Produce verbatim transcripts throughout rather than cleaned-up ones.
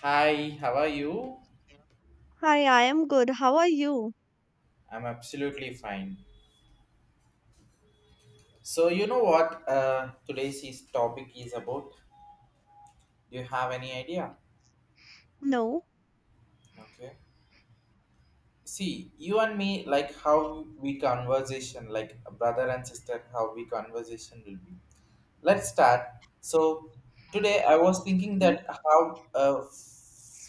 Hi, how are you? Hi, I am good. How are you? I'm absolutely fine. So, you know what uh, today's is- topic is about? Do you have any idea? No. Okay. See, you and me, like how we conversation, like a brother and sister, how we conversation will be. Let's start. So, today I was thinking Mm, that how uh,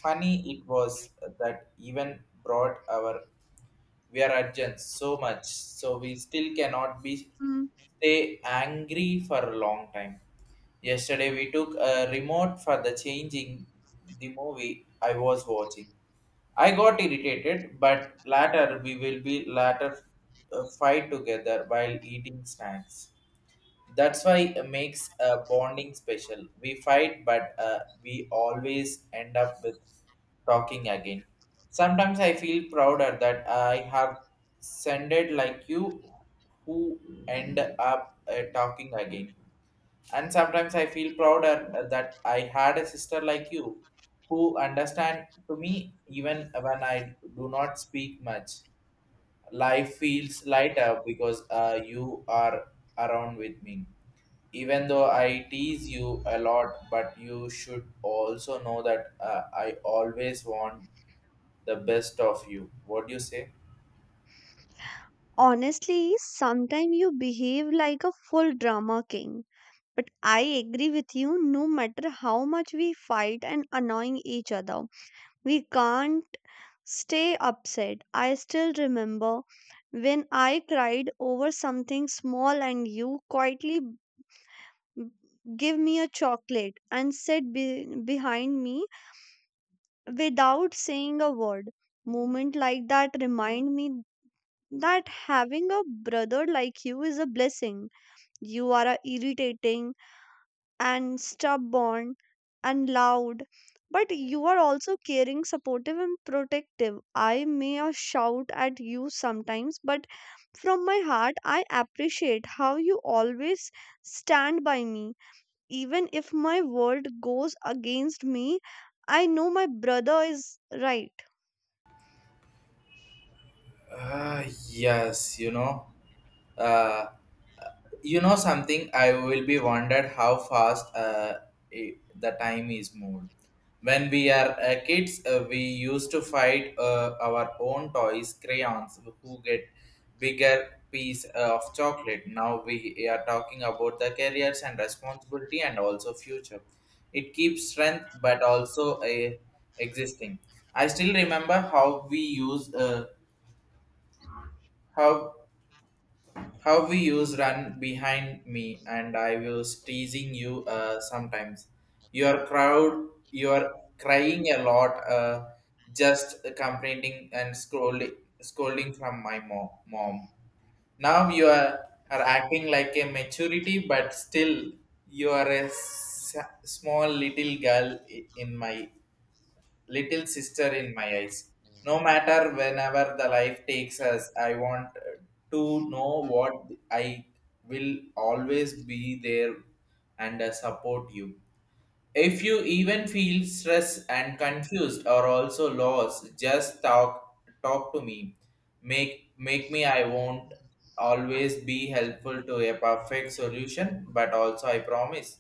funny it was that even brought our we are urgent so much so we still cannot be mm. stay angry for a long time. Yesterday we took a remote for the changing the movie. I was watching. I got irritated, but later we will be later uh, fight together while eating snacks. That's why it makes uh, bonding special. We fight, but uh, we always end up with talking again. Sometimes I feel prouder that I have sended like you who end up uh, talking again. And sometimes I feel prouder uh, that I had a sister like you who understand to me even when I do not speak much. Life feels lighter because uh, you are around with me, even though I tease you a lot, but you should also know that uh, I always want the best of you. What do you say? Honestly, sometimes you behave like a full drama king. But I agree with you, no matter how much we fight and annoying each other, we can't stay upset. I still remember when I cried over something small and you quietly b- give me a chocolate and sit be- behind me without saying a word. Moment like that remind me that having a brother like you is a blessing. You are a irritating and stubborn and loud, but you are also caring, supportive, and protective. I may a shout at you sometimes, but from my heart, I appreciate how you always stand by me. Even if my world goes against me, I know my brother is right. Uh, yes, you know. Uh, You know something? I will be wondered how fast uh, i- the time is moved. When we are uh, kids, uh, we used to fight uh, our own toys, crayons, who get bigger piece uh, of chocolate. Now we are talking about the careers and responsibility and also future. It keeps strength, but also uh, existing. I still remember how we use uh, how how we use run behind me, and I was teasing you uh, sometimes. Your crowd, you are crying a lot, uh, just complaining and scrolling, scolding from my mom. mom. Now you are, are acting like a maturity, but still you are a s- small little girl i- in my little sister in my eyes. No matter whenever the life takes us, I want to know what I will always be there and uh, support you. If you even feel stressed and confused or also lost, just talk talk to me. Make make me I won't always be helpful to a perfect solution, but also I promise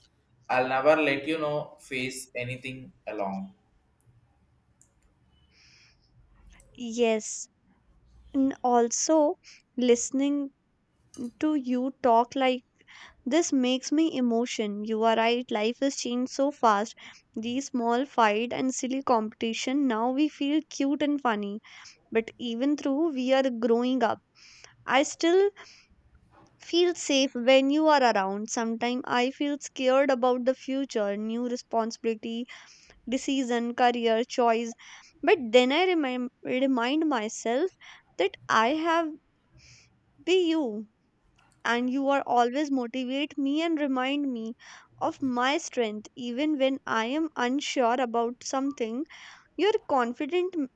I'll never let you know face anything along. Yes, and also listening to you talk like this makes me emotion. You are right. Life has changed so fast. These small fight and silly competition now we feel cute and funny. But even though we are growing up, I still feel safe when you are around. Sometimes I feel scared about the future, new responsibility, decision, career choice. But then I remind remind myself that I have be you. And you are always motivate me and remind me of my strength even when I am unsure about something. Your confidence m-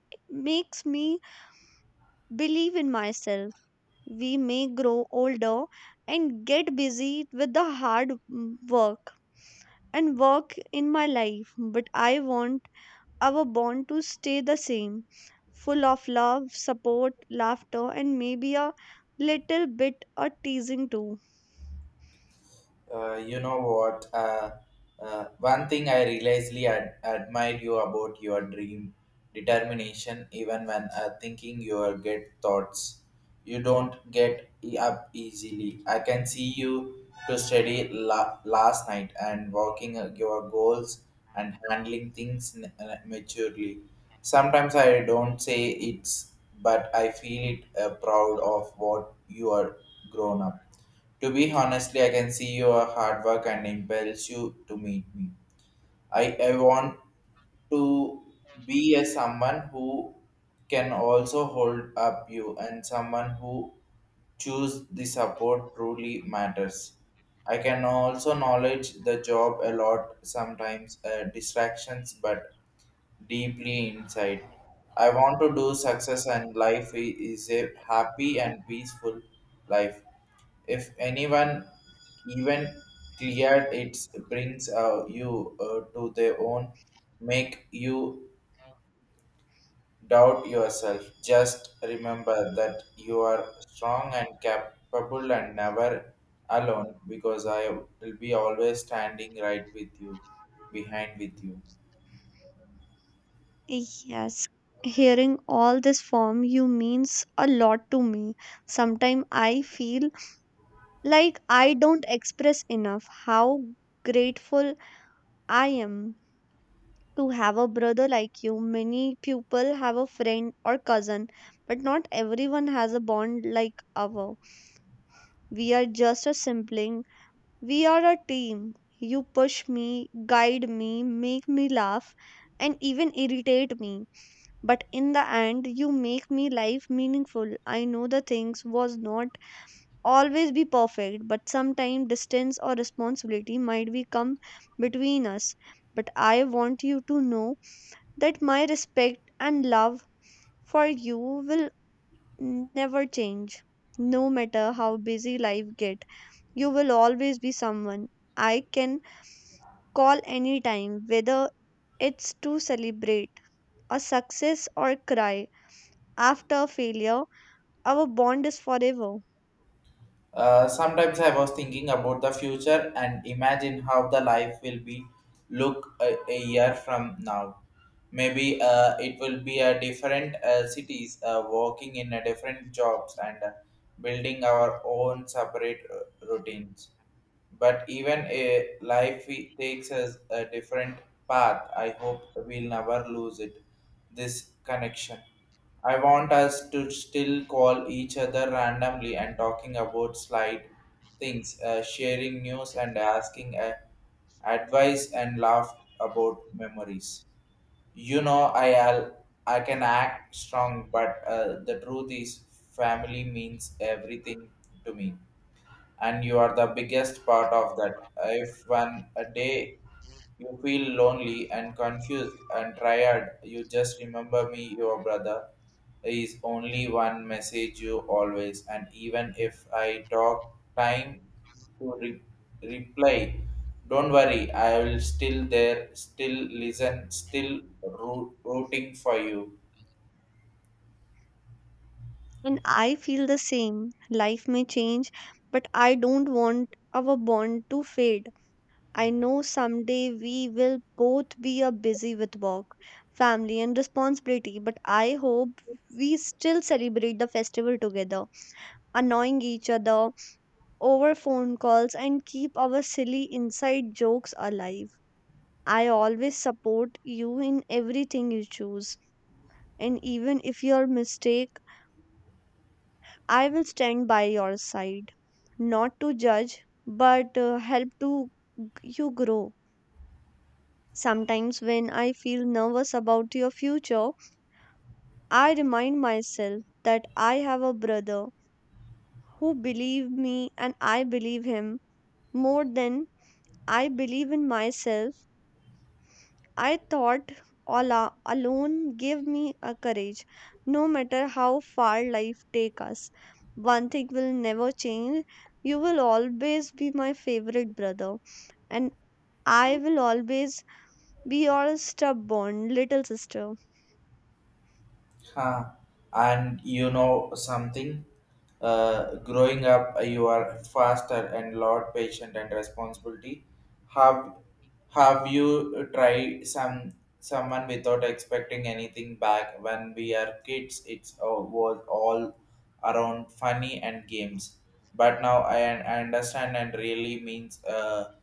makes me believe in myself. We may grow older and get busy with the hard mm, work and work in my life, but I want our bond to stay the same, full of love, support, laughter, and maybe a little bit of teasing too. Uh, you know what? Uh, uh, one thing I religiously ad- admired you about your dream determination, even when uh, thinking your get thoughts, you don't get e- up easily. I can see you to study la- last night and working uh, your goals and handling things n- uh, maturely. Sometimes I don't say it's, but I feel it uh, proud of what you are grown up to be. Honestly, I can see your hard work and impels you to meet me. I, I want to be a someone who can also hold up you, and someone who choose the support truly matters. I can also knowledge the job a lot sometimes uh, distractions, but deeply inside. I want to do success and life i- is a happy and peaceful life. If anyone even cleared it brings uh, you uh, to their own, make you doubt yourself. Just remember that you are strong and capable and never alone, because I will be always standing right with you, behind with you. Yes, hearing all this from you means a lot to me. Sometimes I feel like I don't express enough how grateful I am to have a brother like you. Many people have a friend or cousin, but not everyone has a bond like our. We are just a sibling, we are a team. You push me, guide me, make me laugh, and even irritate me. But in the end, you make me life meaningful. I know the things was not always be perfect, but sometimes distance or responsibility might be come between us. But I want you to know that my respect and love for you will never change. No matter how busy life get, you will always be someone I can call anytime, whether it's to celebrate a success or cry after a failure. Our bond is forever. Uh, sometimes I was thinking about the future and imagine how the life will be look a, a year from now. Maybe uh, it will be a different uh, cities, uh, working in a different jobs and uh, building our own separate uh, routines, but even a life we- takes us a different path. I hope we'll never lose it, this connection. I want us to still call each other randomly and talking about slight things, uh, sharing news and asking uh, advice and laugh about memories. you know i al- I can act strong, but uh, the truth is family means everything to me, and you are the biggest part of that. If one a day you feel lonely and confused and tired, you just remember me, your brother. Is only one message you always, and even if I talk time to re- reply, don't worry, I will still there, still listen, still roo- rooting for you. And I feel the same. Life may change, but I don't want our bond to fade. I know someday we will both be a busy with work, family, and responsibility, but I hope we still celebrate the festival together, annoying each other over phone calls, and keep our silly inside jokes alive. I always support you in everything you choose. And even if your mistake I will stand by your side, not to judge, but uh, help to you grow. Sometimes when I feel nervous about your future, I remind myself that I have a brother who believes me and I believe him more than I believe in myself. I thought Allah alone gave me a courage, no matter how far life take us. One thing will never change. You will always be my favorite brother, and I will always be your stubborn little sister. Huh. And you know something? Uh, growing up, uh, you are faster and lot patient and responsibility. Have Have you tried some someone without expecting anything back? When we are kids, it's uh, was all around funny and games. But now I, I understand and really means uh,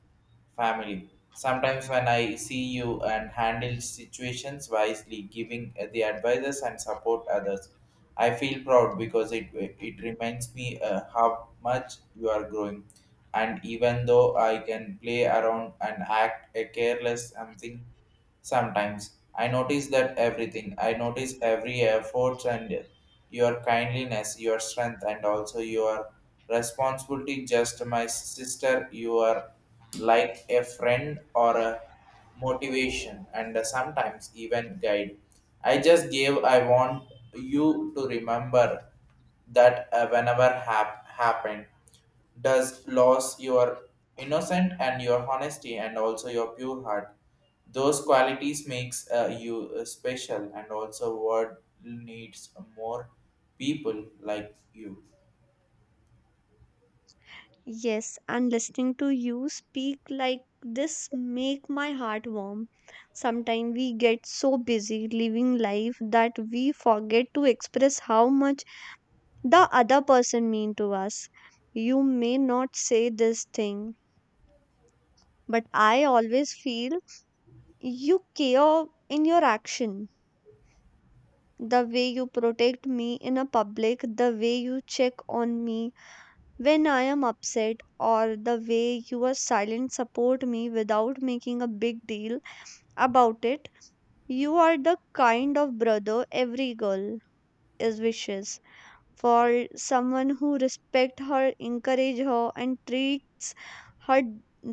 family. Sometimes when I see you and handle situations wisely, giving the advices and support others, I feel proud because it it reminds me uh, how much you are growing. And even though I can play around and act a careless something, sometimes I notice that everything. I notice every effort and your kindliness, your strength, and also your responsibility. Just my sister, you are like a friend or a motivation, and sometimes even guide. I just gave. I want you to remember that uh, whenever hap- happened does lose your innocent and your honesty and also your pure heart. Those qualities makes uh, you uh, special, and also world needs more people like you. Yes, and listening to you speak like this make my heart warm. Sometimes we get so busy living life that we forget to express how much the other person mean to us. You may not say this thing, but I always feel you care in your action. The way you protect me in a public, the way you check on me when I am upset, or the way you are silent support me without making a big deal about it. You are the kind of brother every girl is wishes for someone who respect her, encourage her, and treats her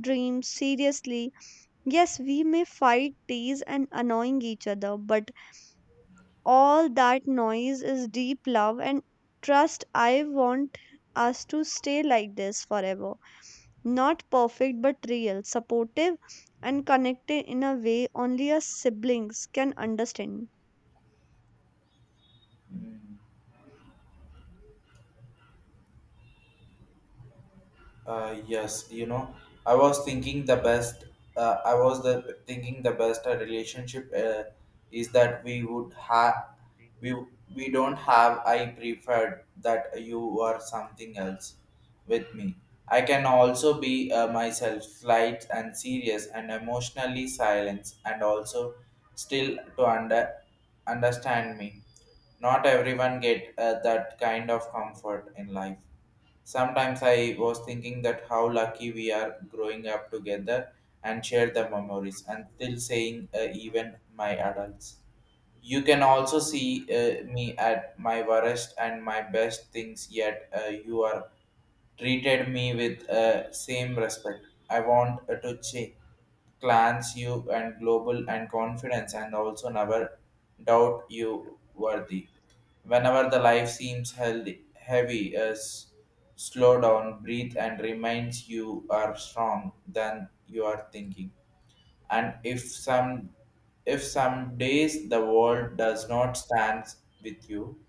dreams seriously. Yes, we may fight, tease, and annoying each other, but all that noise is deep love and trust. I want us to stay like this forever. Not perfect, but real, supportive, and connected in a way only us siblings can understand. Mm. Uh, yes, you know, I was thinking the best. Uh, I was the thinking the best uh, relationship uh, is that we would have we we don't have. I preferred that you are something else with me. I can also be uh, myself, light and serious and emotionally silent, and also still to under understand me. Not everyone get uh, that kind of comfort in life. Sometimes I was thinking that how lucky we are growing up together and share the memories and still saying uh, even my adults. You can also see uh, me at my worst and my best things, yet uh, you are treated me with uh, same respect. I want uh, to change clans you and global and confidence, and also never doubt you worthy. Whenever the life seems healthy, heavy, as slow down, breathe and reminds you are strong than you are thinking. And if some if some days the world does not stand with you,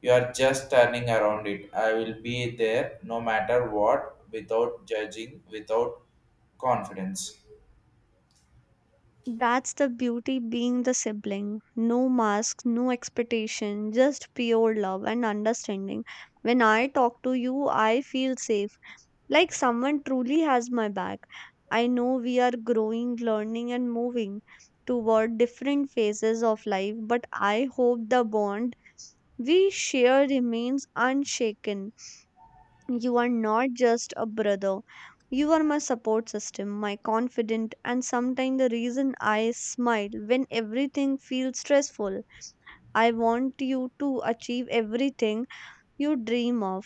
you are just turning around it. I will be there no matter what, without judging, without confidence. That's the beauty being the sibling. No masks, no expectation, just pure love and understanding. When I talk to you, I feel safe, like someone truly has my back. I know we are growing, learning, and moving toward different phases of life, but I hope the bond we share remains unshaken. You are not just a brother. You are my support system, my confidant, and sometimes the reason I smile when everything feels stressful. I want you to achieve everything you dream of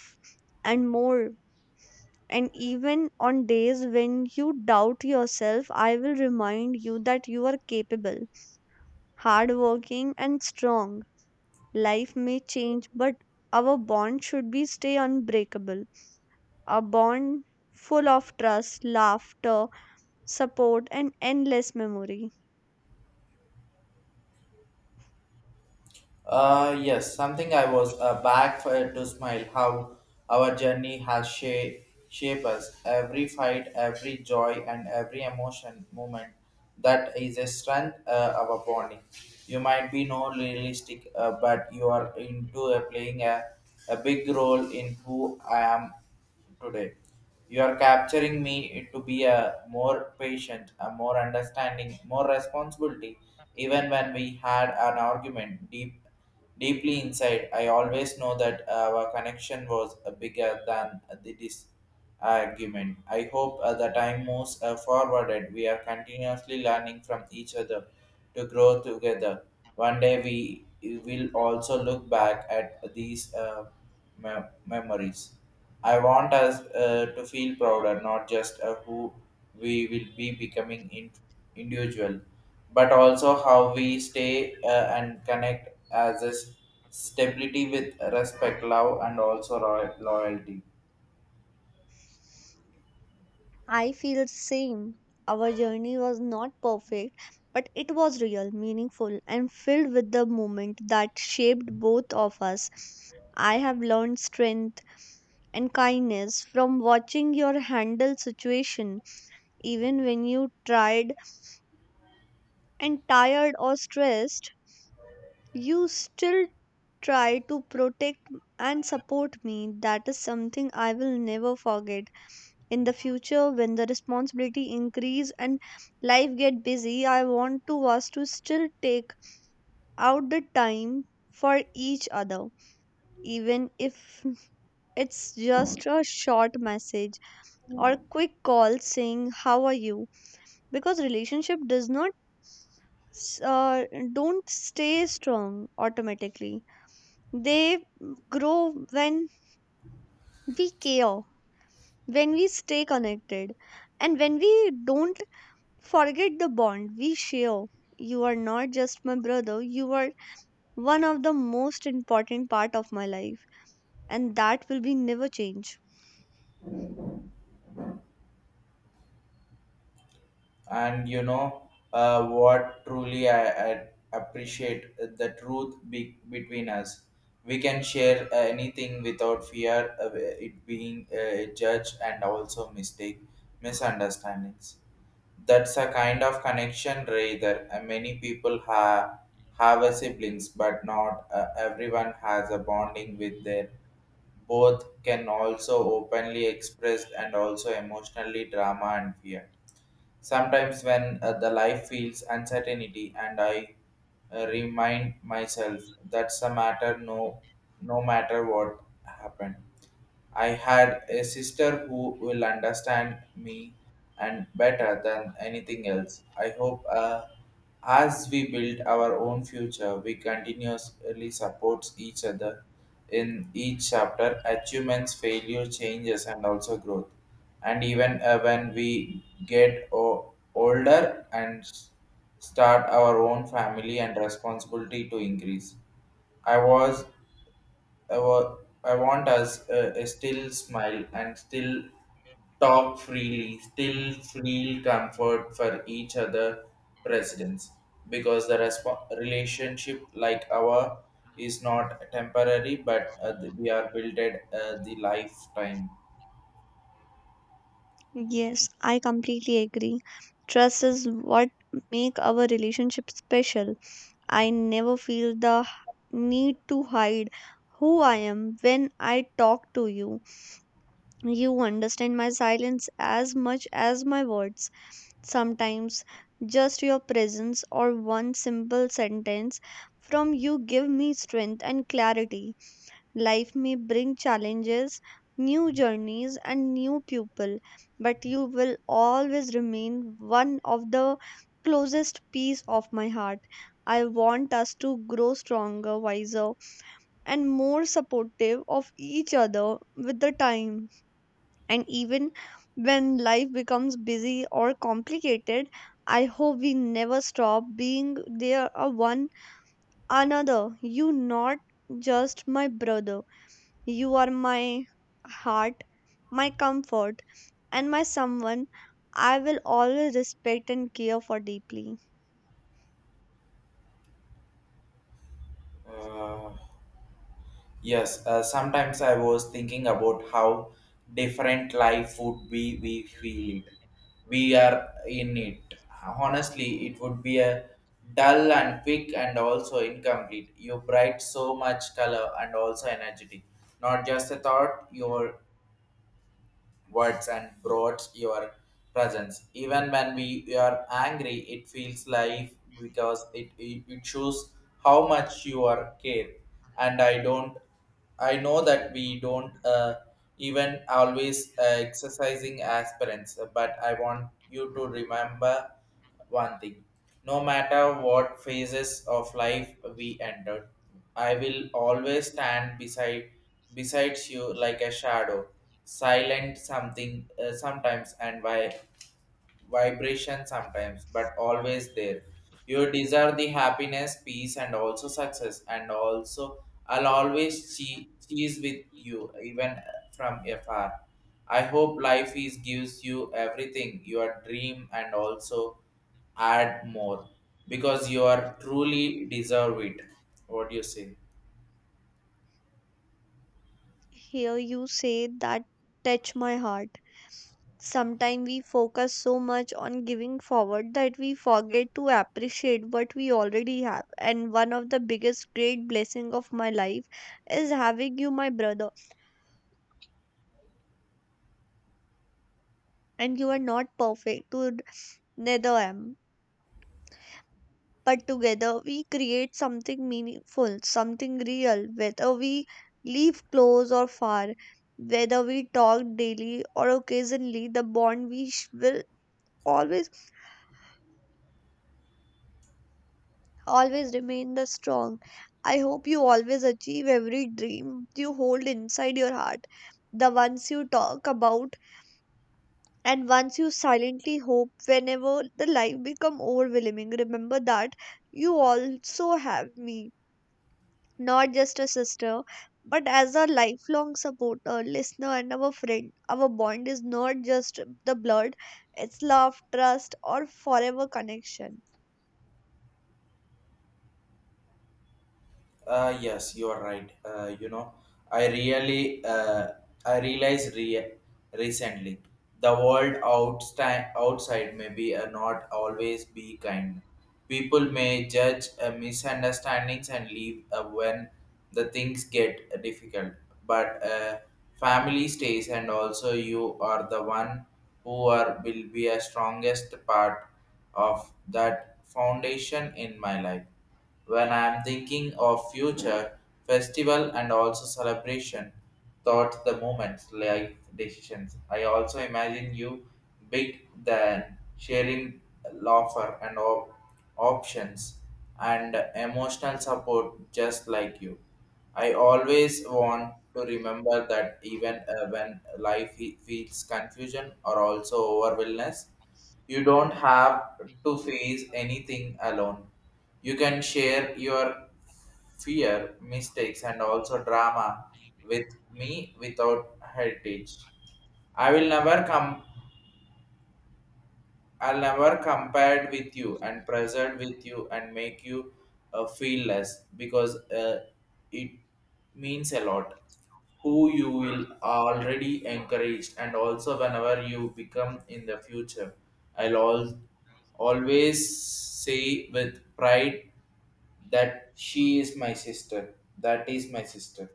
and more. And even on days when you doubt yourself, I will remind you that you are capable, hardworking, and strong. Life may change, but our bond should be stay unbreakable, a bond full of trust, laughter, support, and endless memory. Uh, yes, something I was uh, back for to smile how our journey has shape, shape us. Every fight, every joy, and every emotion moment, that is a strength uh, of our bonding. You might be no realistic, uh, but you are into uh, playing a, a big role in who I am today. You are capturing me to be a more patient, a more understanding, more responsibility. Even when we had an argument deep, deeply inside, I always know that our connection was uh, bigger than the dis- argument. I hope uh, the time moves uh, forward, and we are continuously learning from each other to grow together. One day we will also look back at these uh, me- memories. I want us uh, to feel prouder, not just uh, who we will be becoming in- individual, but also how we stay uh, and connect as a s- stability with respect, love, and also roy- loyalty. I feel the same. Our journey was not perfect, but it was real, meaningful, and filled with the moment that shaped both of us. I have learned strength and kindness from watching your handle situation even when you tried and tired or stressed. You still try to protect and support me. That is something I will never forget. In the future, when the responsibility increase and life get busy, I want to us to still take out the time for each other, even if it's just a short message or quick call saying how are you, because relationship does not s- uh, don't stay strong automatically. They grow when we care, when we stay connected, and when we don't forget the bond we share. You are not just my brother, you are one of the most important part of my life, and that will be never change. And you know uh, what truly I, I appreciate uh, the truth be- between us, we can share uh, anything without fear of it being uh, judged and also mistake misunderstandings. That's a kind of connection rather. Uh, many people have have a siblings, but not uh, everyone has a bonding with their both can also openly express and also emotionally drama and fear. Sometimes when uh, the life feels uncertainty and I uh, remind myself that's a matter no no matter what happened. I had a sister who will understand me and better than anything else. I hope uh, as we build our own future, we continuously support each other in each chapter, achievements, failure, changes, and also growth. And even uh, when we get o- older and s- start our own family and responsibility to increase, I was I, wa- I want us uh, uh, still smile and still talk freely, still feel comfort for each other presidents, because the resp- relationship like our is not temporary, but uh, we are built at uh, the lifetime. Yes, I completely agree. Trust is what make our relationship special. I never feel the need to hide who I am when I talk to you. You understand my silence as much as my words. Sometimes just your presence or one simple sentence from you give me strength and clarity. Life may bring challenges, new journeys, and new people, but you will always remain one of the closest piece of my heart. I want us to grow stronger, wiser, and more supportive of each other with the time. And even when life becomes busy or complicated, I hope we never stop being there a one another. You not just my brother. You are my heart, my comfort, and my someone I will always respect and care for deeply. uh, Yes, uh, sometimes I was thinking about how different life would be we feel it. We are in it. Honestly, it would be a dull and quick and also incomplete. You bright so much color and also energetic. Not just a thought, your words and brought your presence. Even when we we are angry, it feels life because it, it, it shows how much you are care. And I don't, I know that we don't uh, even always uh, exercising aspirants, but I want you to remember one thing, no matter what phases of life we entered, I will always stand beside besides you like a shadow, silent something uh, sometimes and why vibration sometimes, but always there. You deserve the happiness, peace, and also success, and also I'll always che- cheese with you, even from afar. I hope life is gives you everything, your dream, and also add more because you are truly deserve it. What do you say? Hear you say that touch my heart. Sometimes we focus so much on giving forward that we forget to appreciate what we already have. And one of the biggest great blessing of my life is having you, my brother. And you are not perfect, to neither am. But together we create something meaningful, something real, whether we live close or far, whether we talk daily or occasionally, the bond we sh- will always always remain the strong. I hope you always achieve every dream you hold inside your heart, the ones you talk about, and ones you silently hope whenever the life become overwhelming. Remember that you also have me, not just a sister, but as a lifelong supporter, listener, and our friend. Our bond is not just the blood; it's love, trust, or forever connection. Uh, yes, you are right. Uh, you know, I really, uh, I realized re- recently the world outsta- outside may be uh, not always be kind. People may judge uh, misunderstandings and leave uh, when the things get difficult. But uh, family stays, and also you are the one who are will be a strongest part of that foundation in my life. When I am thinking of future festival and also celebration, thought the moments like decisions, I also imagine you big than sharing laughter and op- options and emotional support just like you. I always want to remember that even uh, when life he- feels confusion or also overwhelmness, you don't have to face anything alone. You can share your fear, mistakes, and also drama with me without heritage. I will never come. I'll never compare with you and present with you and make you uh, feel less because uh, it means a lot. Who you will already encouraged and also whenever you become in the future, I'll all, always say with pride that she is my sister, that is my sister.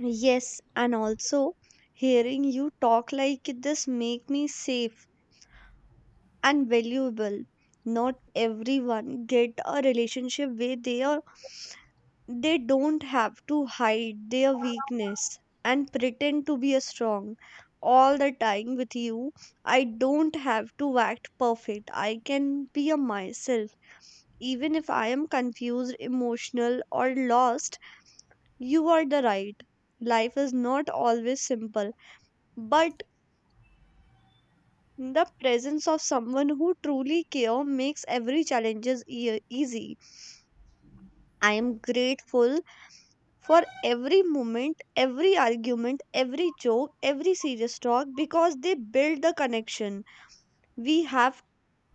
Yes, and also hearing you talk like this make me safe and valuable. Not everyone get a relationship where they are they don't have to hide their weakness and pretend to be a strong all the time with you. I don't have to act perfect. I can be a myself. Even if I am confused, emotional or lost, you are the right. Life is not always simple, but the presence of someone who truly care makes every challenges ea- easy. I am grateful for every moment, every argument, every joke, every serious talk because they build the connection we have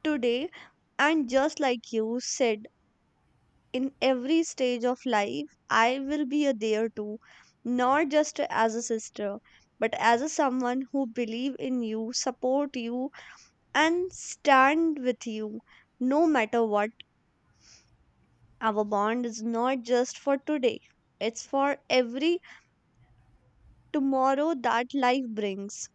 today. And just like you said, in every stage of life, I will be a there too, not just as a sister, but as a someone who believe in you, support you, and stand with you no matter what. Our bond is not just for today, it's for every tomorrow that life brings.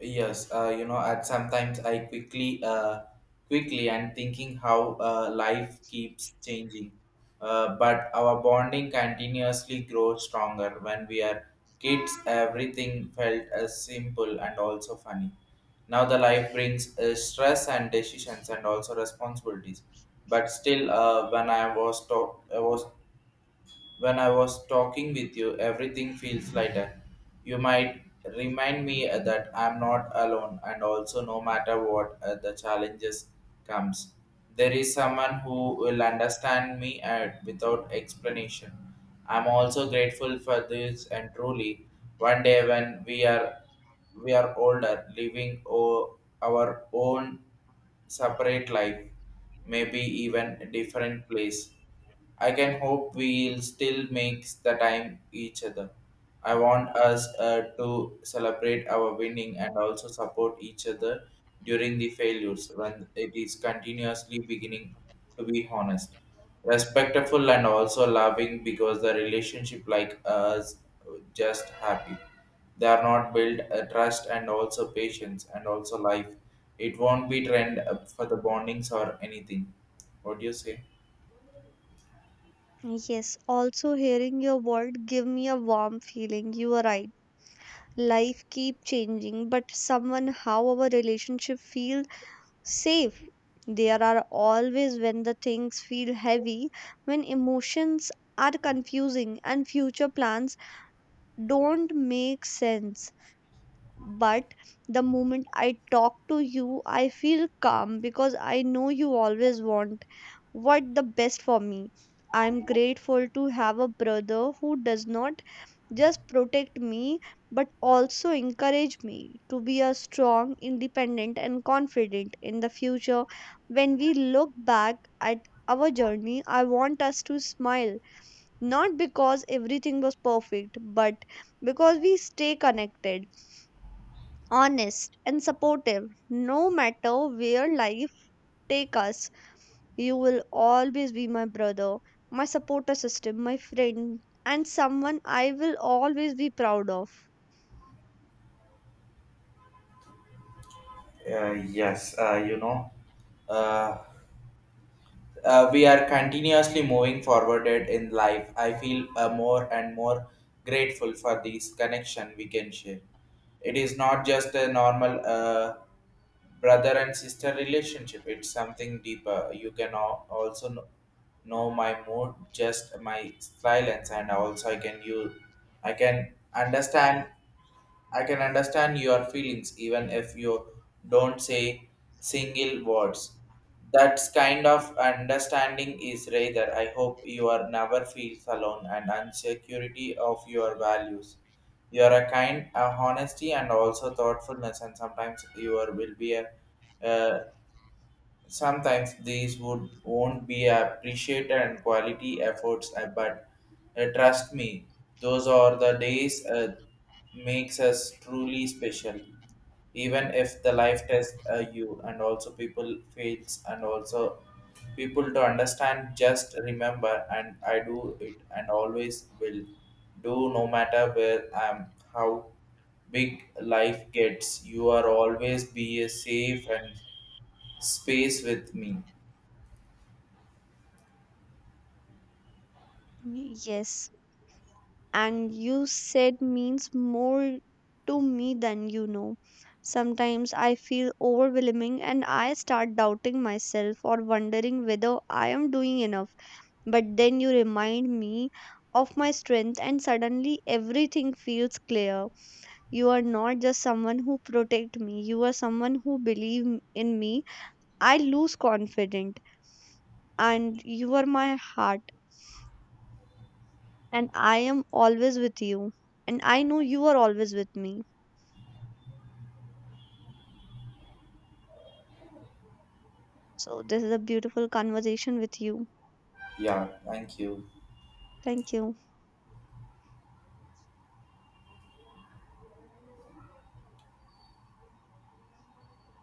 Yes, uh, you know, at sometimes I quickly, uh, quickly and thinking how uh, life keeps changing, uh, but our bonding continuously grows stronger. When we are kids, everything felt as simple and also funny. Now the life brings uh, stress and decisions and also responsibilities, but still uh, when I was to- I was When I was talking with you, everything feels lighter. You might remind me uh, that I'm not alone, and also, no matter what uh, the challenges comes, there is someone who will understand me uh, without explanation. I'm also grateful for this, and truly, one day when we are we are older, living o- our own separate life, maybe even a different place. I can hope we'll still make the time each other. I want us uh, to celebrate our winning and also support each other during the failures when it is continuously beginning to be honest, respectful and also loving, because the relationship like us just happy. They are not built uh, trust and also patience and also life. It won't be trend uh, for the bondings or anything. What do you say? Yes, also hearing your word give me a warm feeling. You are right. Life keep changing, but somehow our relationship feel safe. There are always when the things feel heavy, when emotions are confusing and future plans don't make sense. But the moment I talk to you, I feel calm because I know you always want what the best for me. I'm grateful to have a brother who does not just protect me but also encourage me to be a strong independent and confident in the future. When we look back at our journey, I want us to smile, not because everything was perfect, but because we stay connected, honest, and supportive. No matter where life take us, you will always be my brother, my supporter system, my friend, and someone I will always be proud of. Uh, yes, uh, you know, uh, uh, we are continuously moving forwarded in life. I feel uh, more and more grateful for this connection we can share. It is not just a normal uh, brother and sister relationship. It's something deeper. You can al- also know, know my mood, just my silence, and also I can you, I can understand. I can understand your feelings even if you don't say single words. That kind of understanding is rather. I hope you are never feels alone and insecurity of your values. You are a kind, a honesty, and also thoughtfulness, and sometimes you are, will be a, uh, sometimes these would won't be appreciated and quality efforts, uh, but uh, trust me, those are the days uh, makes us truly special, even if the life test uh, you and also people fails and also people to understand. Just remember, and I do it and always will do, no matter where I am, how big life gets, you are always be a safe and space with me. Yes, and you said means more to me than you know. Sometimes I feel overwhelming and I start doubting myself or wondering whether I am doing enough. But then you remind me of my strength, and suddenly everything feels clear. You are not just someone who protect me. You are someone who believe m- in me. I lose confident, and you are my heart, and I am always with you, and I know you are always with me. So this is a beautiful conversation with you. Yeah, thank you. Thank you.